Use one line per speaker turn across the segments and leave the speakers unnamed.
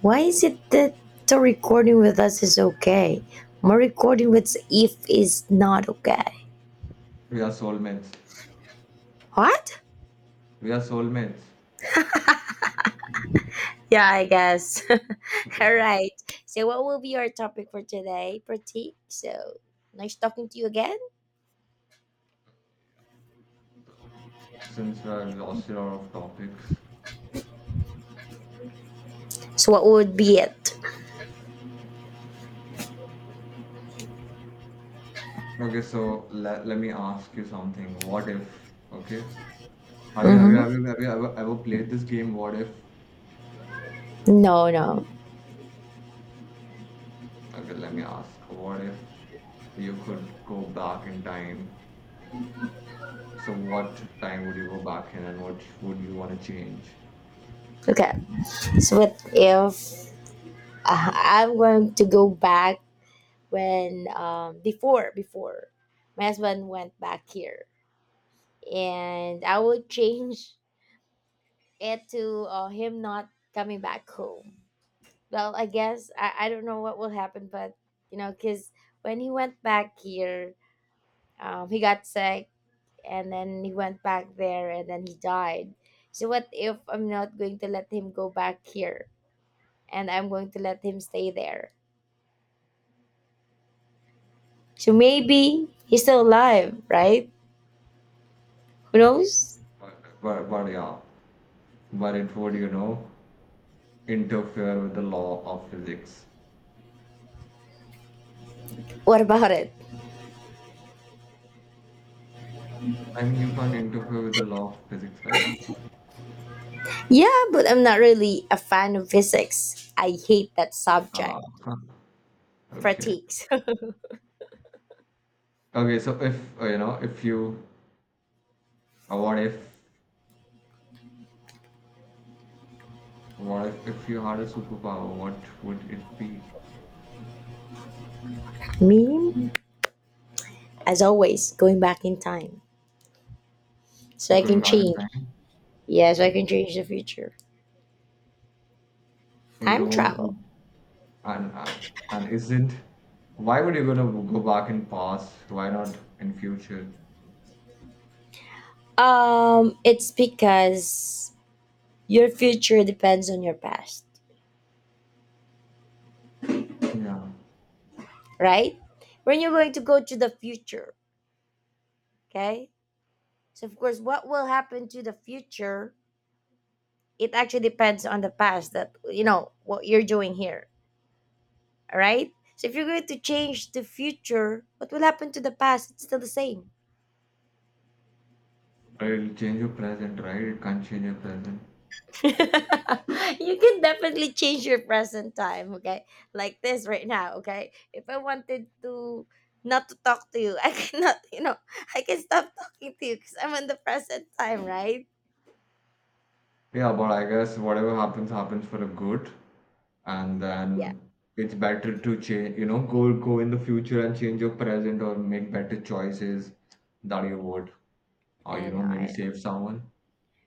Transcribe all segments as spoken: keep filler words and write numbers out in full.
Why is it that the recording with us is okay? My recording with If is not okay.
We are soulmates.
What?
We are soulmates
Yeah, I guess. All right. So, what will be our topic for today, Pratik? So, nice talking to you again.
since we are exhausted out of topics.
So, what would be it?
Okay, so le- let me ask you something. What if? Okay. Have you have you
Mm-hmm.
have you have you ever, ever played this game? What if?
No, no.
Okay, let me ask. What if you could go back in time? So what time would you go back in, and what would you want to change?
Okay. So, what if uh, I'm going to go back when um before before my husband went back here, and I would change it to uh, him not coming back home. Well, I guess I, I don't know what will happen, but you know, because when he went back here, um, he got sick and then he went back there and then he died. So, what if I'm not going to let him go back here and I'm going to let him stay there? So, maybe he's still alive, right? Who knows?
But but, but yeah, but it would you know interfere with the law of physics.
What about it?
I mean, you can't interfere with the law of physics, right?
Yeah, but I'm not really a fan of physics. I hate that
Ah,
subject.
huh. Okay.
Critiques.
Okay, so if uh, you know, if you, uh, what if, what if, if you had a superpower, what would it be?
Me, as always, going back in time so I
Going
can
back in
change.
time,
Yeah, so I can change the future.
you don't
Time
want to go,
travel.
and and, and isn't, why would you gonna go back in past? Why not in future?
Um, it's because your future depends on your past,
Yeah,
right? When you're going to go to the future, okay? So of course, what will happen to the future? It actually depends on the past that you know what you're doing here, all right? So if you're going to change the future, what will happen to the past? It's still the same.
it'll change your present, right? It can't change your present.
You can definitely change your present time, okay? Like this right now, okay? If I wanted to not to talk to you, I cannot, you know, I can stop talking to you because I'm in the present time, right?
Yeah, but I guess whatever happens, happens for a good. And
Yeah,
then it's better to change, you know, go go in the future and change your present or make better choices that you would, or
I
you
know,
know, maybe
I
save someone.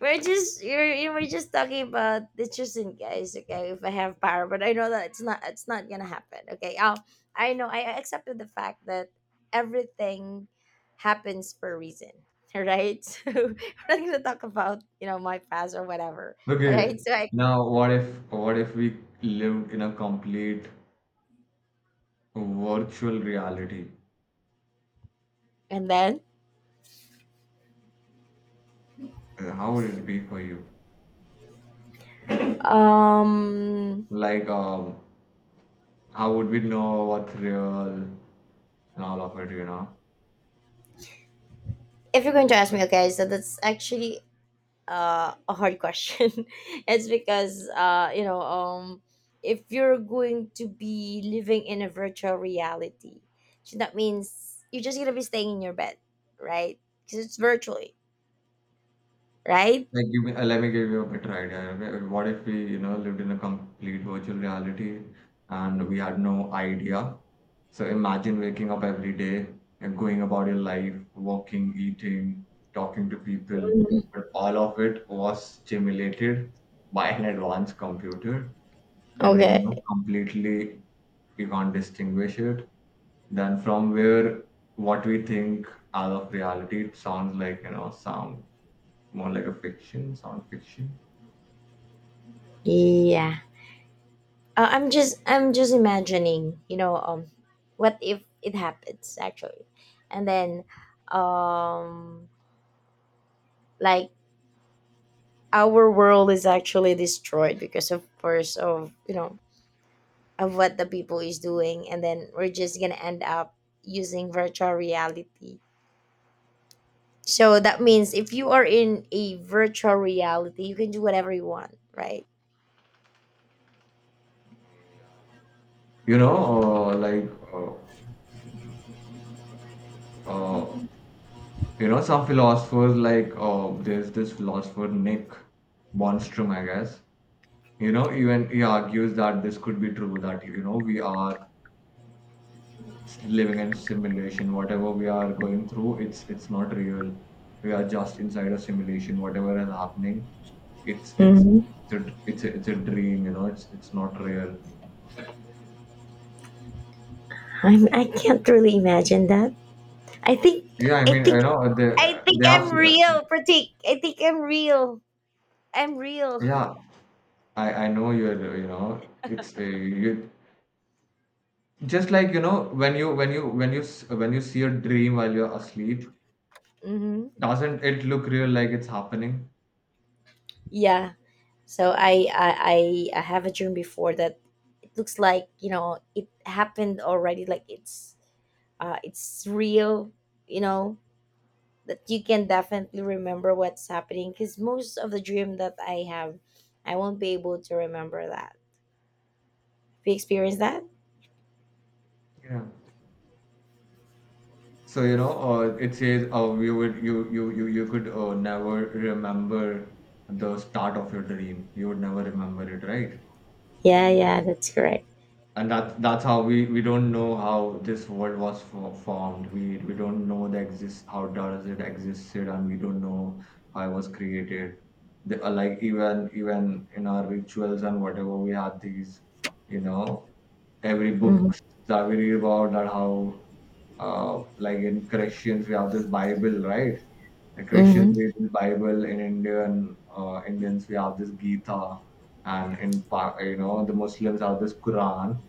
We're just you're, you we're just talking about the chosen guys, okay? If I have power, but I know that it's not it's not gonna happen, okay? Um, I know I I accepted the fact that everything happens for a reason, all right? So we're not gonna talk about you know my past or whatever, all
Okay,
right? So I
now what if what if we lived in a complete virtual reality?
and then
Uh, How would it be for you?
um,
Like, um, how would we know what's real and all of it, you know?
if you're going to ask me, okay, so that's actually uh, a hard question. It's because uh, you know, um, if you're going to be living in a virtual reality, so that means you're just gonna be staying in your bed, right? Because it's virtually, right?
Like, give me, uh, let me give you a better idea. Wh- What if we, you know, lived in a complete virtual reality and we had no idea? So imagine waking up every day and going about your life, walking, eating, talking to people,
Mhm.
but all of it was stimulated by an advanced computer, and you know,
Okay.
completely you can't distinguish it. Then from where what we think out of reality, it sounds like you know, sound more like a fiction, sound fiction.
Yeah. Uh, I'm just I'm just imagining, you know, um, what if it happens actually, and then, um, like our world is actually destroyed because of course of you know of what the people is doing and then we're just gonna end up using virtual reality, so that means if you are in a virtual reality you can do whatever you want, right?
You know uh, like uh, uh, you know, some philosophers, like uh, there's this philosopher Nick Bostrom, I guess. You know, even he argues that this could be true, that you know we are living in simulation. Whatever we are going through, it's it's not real. We are just inside a simulation. Whatever is happening, it's it's
Mm-hmm.
it's a it's a, it's a dream, you know, it's it's not real.
I'm, i can't really imagine that. i think
Yeah, I
i
mean, you
think
know, they
i think
they have
I'm real, Pratik. I think I'm real. I'm real.
Yeah, I I know you're, you know, it's uh, you, just like you know, when you when you when you s- when you see a dream while you're asleep,
Hmm.
doesn't it look real, like it's happening?
Yeah, so I, I i i have a dream before that it looks like you know it happened already, like it's uh it's real, you know, that you can definitely remember what's happening because most of the dream that I have, I won't be able to remember that. Have you experienced that?
Yeah, so you know, uh, it says, oh, you would, you you you you could uh, never remember the start of your dream, you would never remember it, right?
Yeah, yeah, that's correct.
And that's that's how we we don't know how this world was fo- formed. We we don't know the exist, how does it existed, and we don't know how it was created. The, uh, like even even in our rituals and whatever, we have these, you know, every
Mm-hmm.
book that we read about that, how, uh, like in Christians we have this Bible, right? The Christians
Mm-hmm.
read the Bible. In Indian, uh, Indians, we have this Gita, and in Pa- you know, the Muslims have this Quran.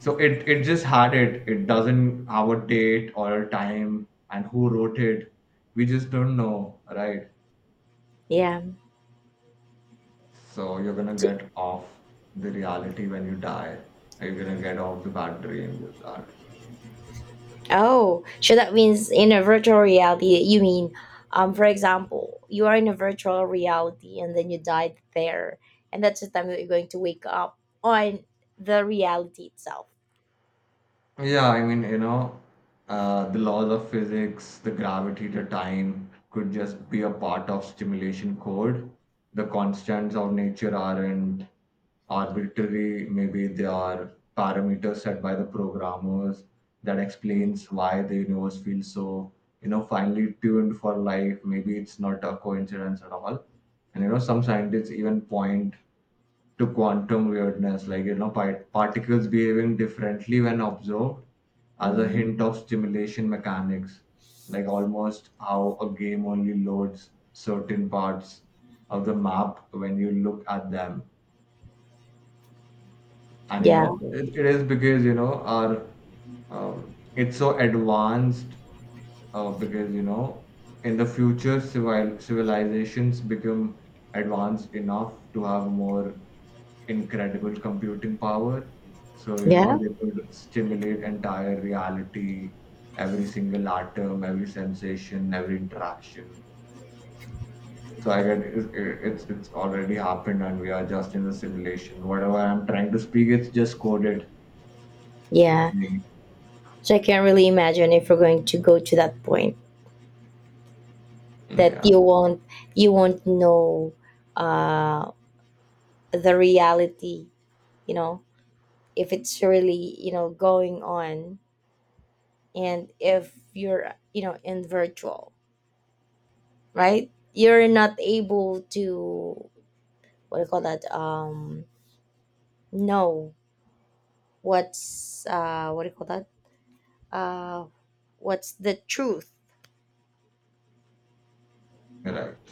So it it just had it. It doesn't have a date or a time and who wrote it. We just don't know, right?
Yeah.
So you're gonna get off the reality when you die. You're gonna get off the bad dream with that.
Oh, so that means in a virtual reality, you mean, um, for example, you are in a virtual reality and then you died there, and that's the time that you're going to wake up on the reality itself.
Yeah, I mean, you know, uh, the laws of physics, the gravity, the time could just be a part of stimulation code. The constants of nature aren't arbitrary, maybe they are parameters set by the programmers that explains why the universe feels so, you know, finely tuned for life. Maybe it's not a coincidence at all. And you know, some scientists even point to quantum weirdness, like you know, pi- particles behaving differently when observed, as a
Mm-hmm.
hint of stimulation mechanics, like almost how a game only loads certain parts of the map when you look at them. And you
Yeah,
know, it, it is because you know, our um, it's so advanced, uh, because you know, in the future civil civilizations become advanced enough to have more incredible computing power, so you know
yeah,
they could stimulate entire reality, every single atom, every sensation, every interaction. So I get it's it's, it's already happened, and we are just in the simulation. Whatever I'm trying to speak, it's just coded,
yeah.
maybe.
So I can really imagine if we're going to go to that point that
Yeah,
you won't you won't know uh, the reality, you know, if it's really you know going on, and if you're you know in virtual, right? You're not able to what do you call that? Um, know what's uh, what do you call that? Uh, what's the truth?
right.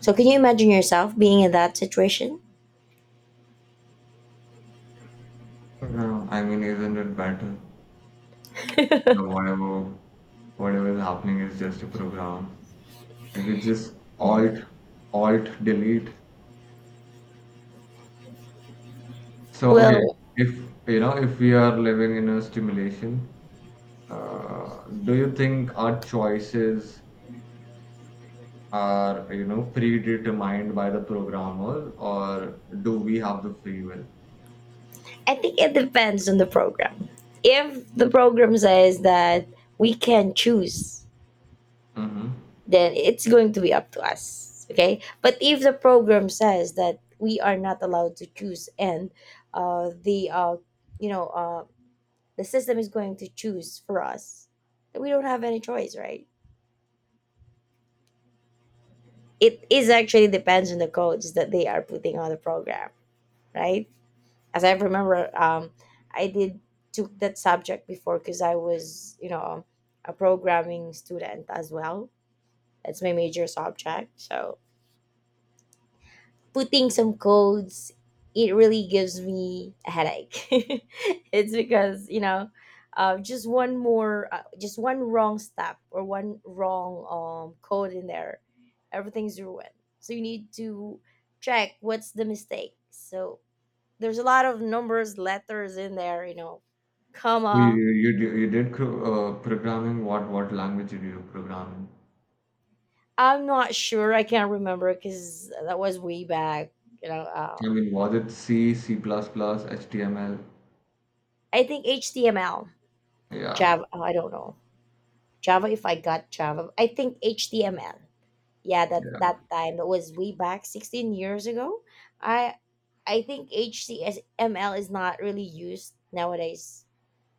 So can you imagine yourself being in that situation?
No, I mean, isn't it better, you know, whatever whatever is happening is just a program. If it's just alt alt delete. So okay,
Well,
if you know, if we are living in a stimulation, uh, do you think our choices are you know predetermined by the programmers, or do we have the free will?
I think it depends on the program. If the program says that we can choose,
Mm-hmm.
then it's going to be up to us. Okay. But if the program says that we are not allowed to choose and uh, the, uh, you know, uh, the system is going to choose for us, then we don't have any choice, right? It is actually depends on the codes that they are putting on the program, right? As I remember, um, I did took that subject before because I was, you know, a programming student as well. That's my major subject. So putting some codes, it really gives me a headache. It's because you know, uh, just one more, uh, just one wrong step or one wrong um code in there, everything's ruined. So you need to check what's the mistake. So there's a lot of numbers letters in there, you know,
You
comma.
you you d- you did cr- uh, programming. What what language did you program in?
I'm not sure I can't remember because that was way back, you know, uh,
I mean, was it C, C++, plus plus, H T M L?
I think H T M L
Yeah.
java. Oh, I don't know. Java, if I got java, I think H T M L. Yeah, that
Yeah.
that time that was way back sixteen years ago. i i think H T M L is not really used nowadays.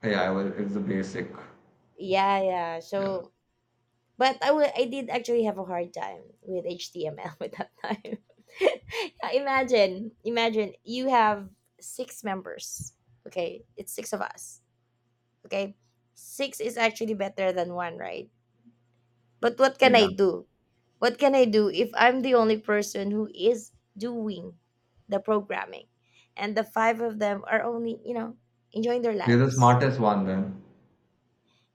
Yeah, well, it's the basic.
Yeah, yeah,
Yeah.
so but I will, I did actually have a hard time with H T M L at that time. Yeah, imagine, imagine you have six members. Okay, it's six of us. Okay, six is actually better than one, right? But what
But
can
yeah,
I do? What can I do if I'm the only person who is doing the programming, and the five of them are only, you know, enjoying their
you're the
lives?
smartest one then.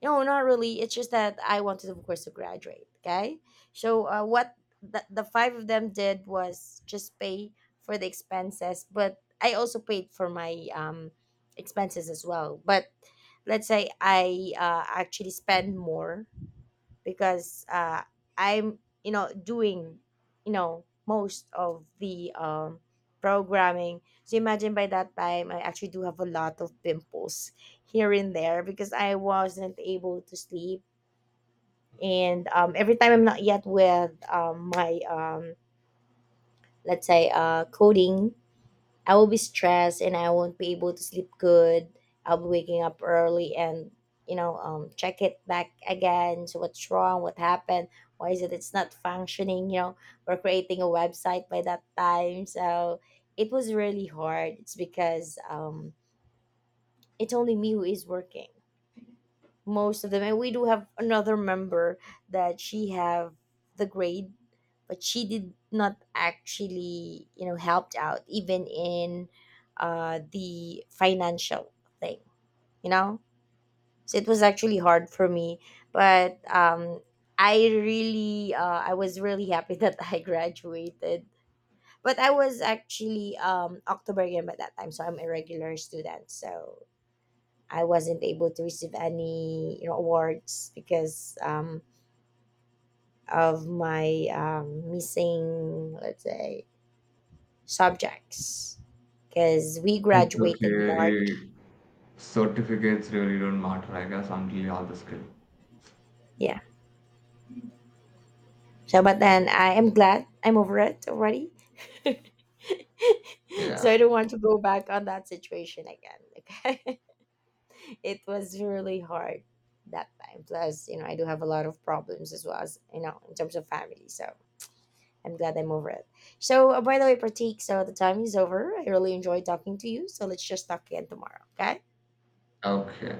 No, not really. It's just that I wanted, of course, to graduate. Okay. So uh, what the, the five of them did was just pay for the expenses, but I also paid for my um, expenses as well. But let's say I uh, actually spend more because uh, I'm, you know, doing, you know, most of the um, programming. So imagine by that time I actually do have a lot of pimples here and there because I wasn't able to sleep. And um, every time I'm not yet with um, my um, let's say uh, coding, I will be stressed and I won't be able to sleep good. I'll be waking up early and you know um, check it back again. So what's wrong? What happened? Why is it it's not functioning? You know we're creating a website by that time, so it was really hard. It's because um, it's only me who is working most of them, and we do have another member that she have the grade but she did not actually you know helped out even in uh, the financial thing, you know, so it was actually hard for me but um i really uh, I was really happy that I graduated, but I was actually um octoberian by that time, so I'm a regular student, so I wasn't able to receive any you know awards because um, of my um, missing, let's say, subjects, because we
It's
graduated
okay. Eh,
March.
certificates really don't matter, I guess, until you have the skill.
Yeah, so but then I am glad I'm over it already.
Yeah.
So I don't want to go back on that situation again, okay. It was really hard that time, plus you know I do have a lot of problems as well, as you know, in terms of family, so I'm glad I'm over it. So, uh, by the way, Pratik, so the time is over. I really enjoyed talking to you. So, let's just talk again tomorrow, okay?
Okay.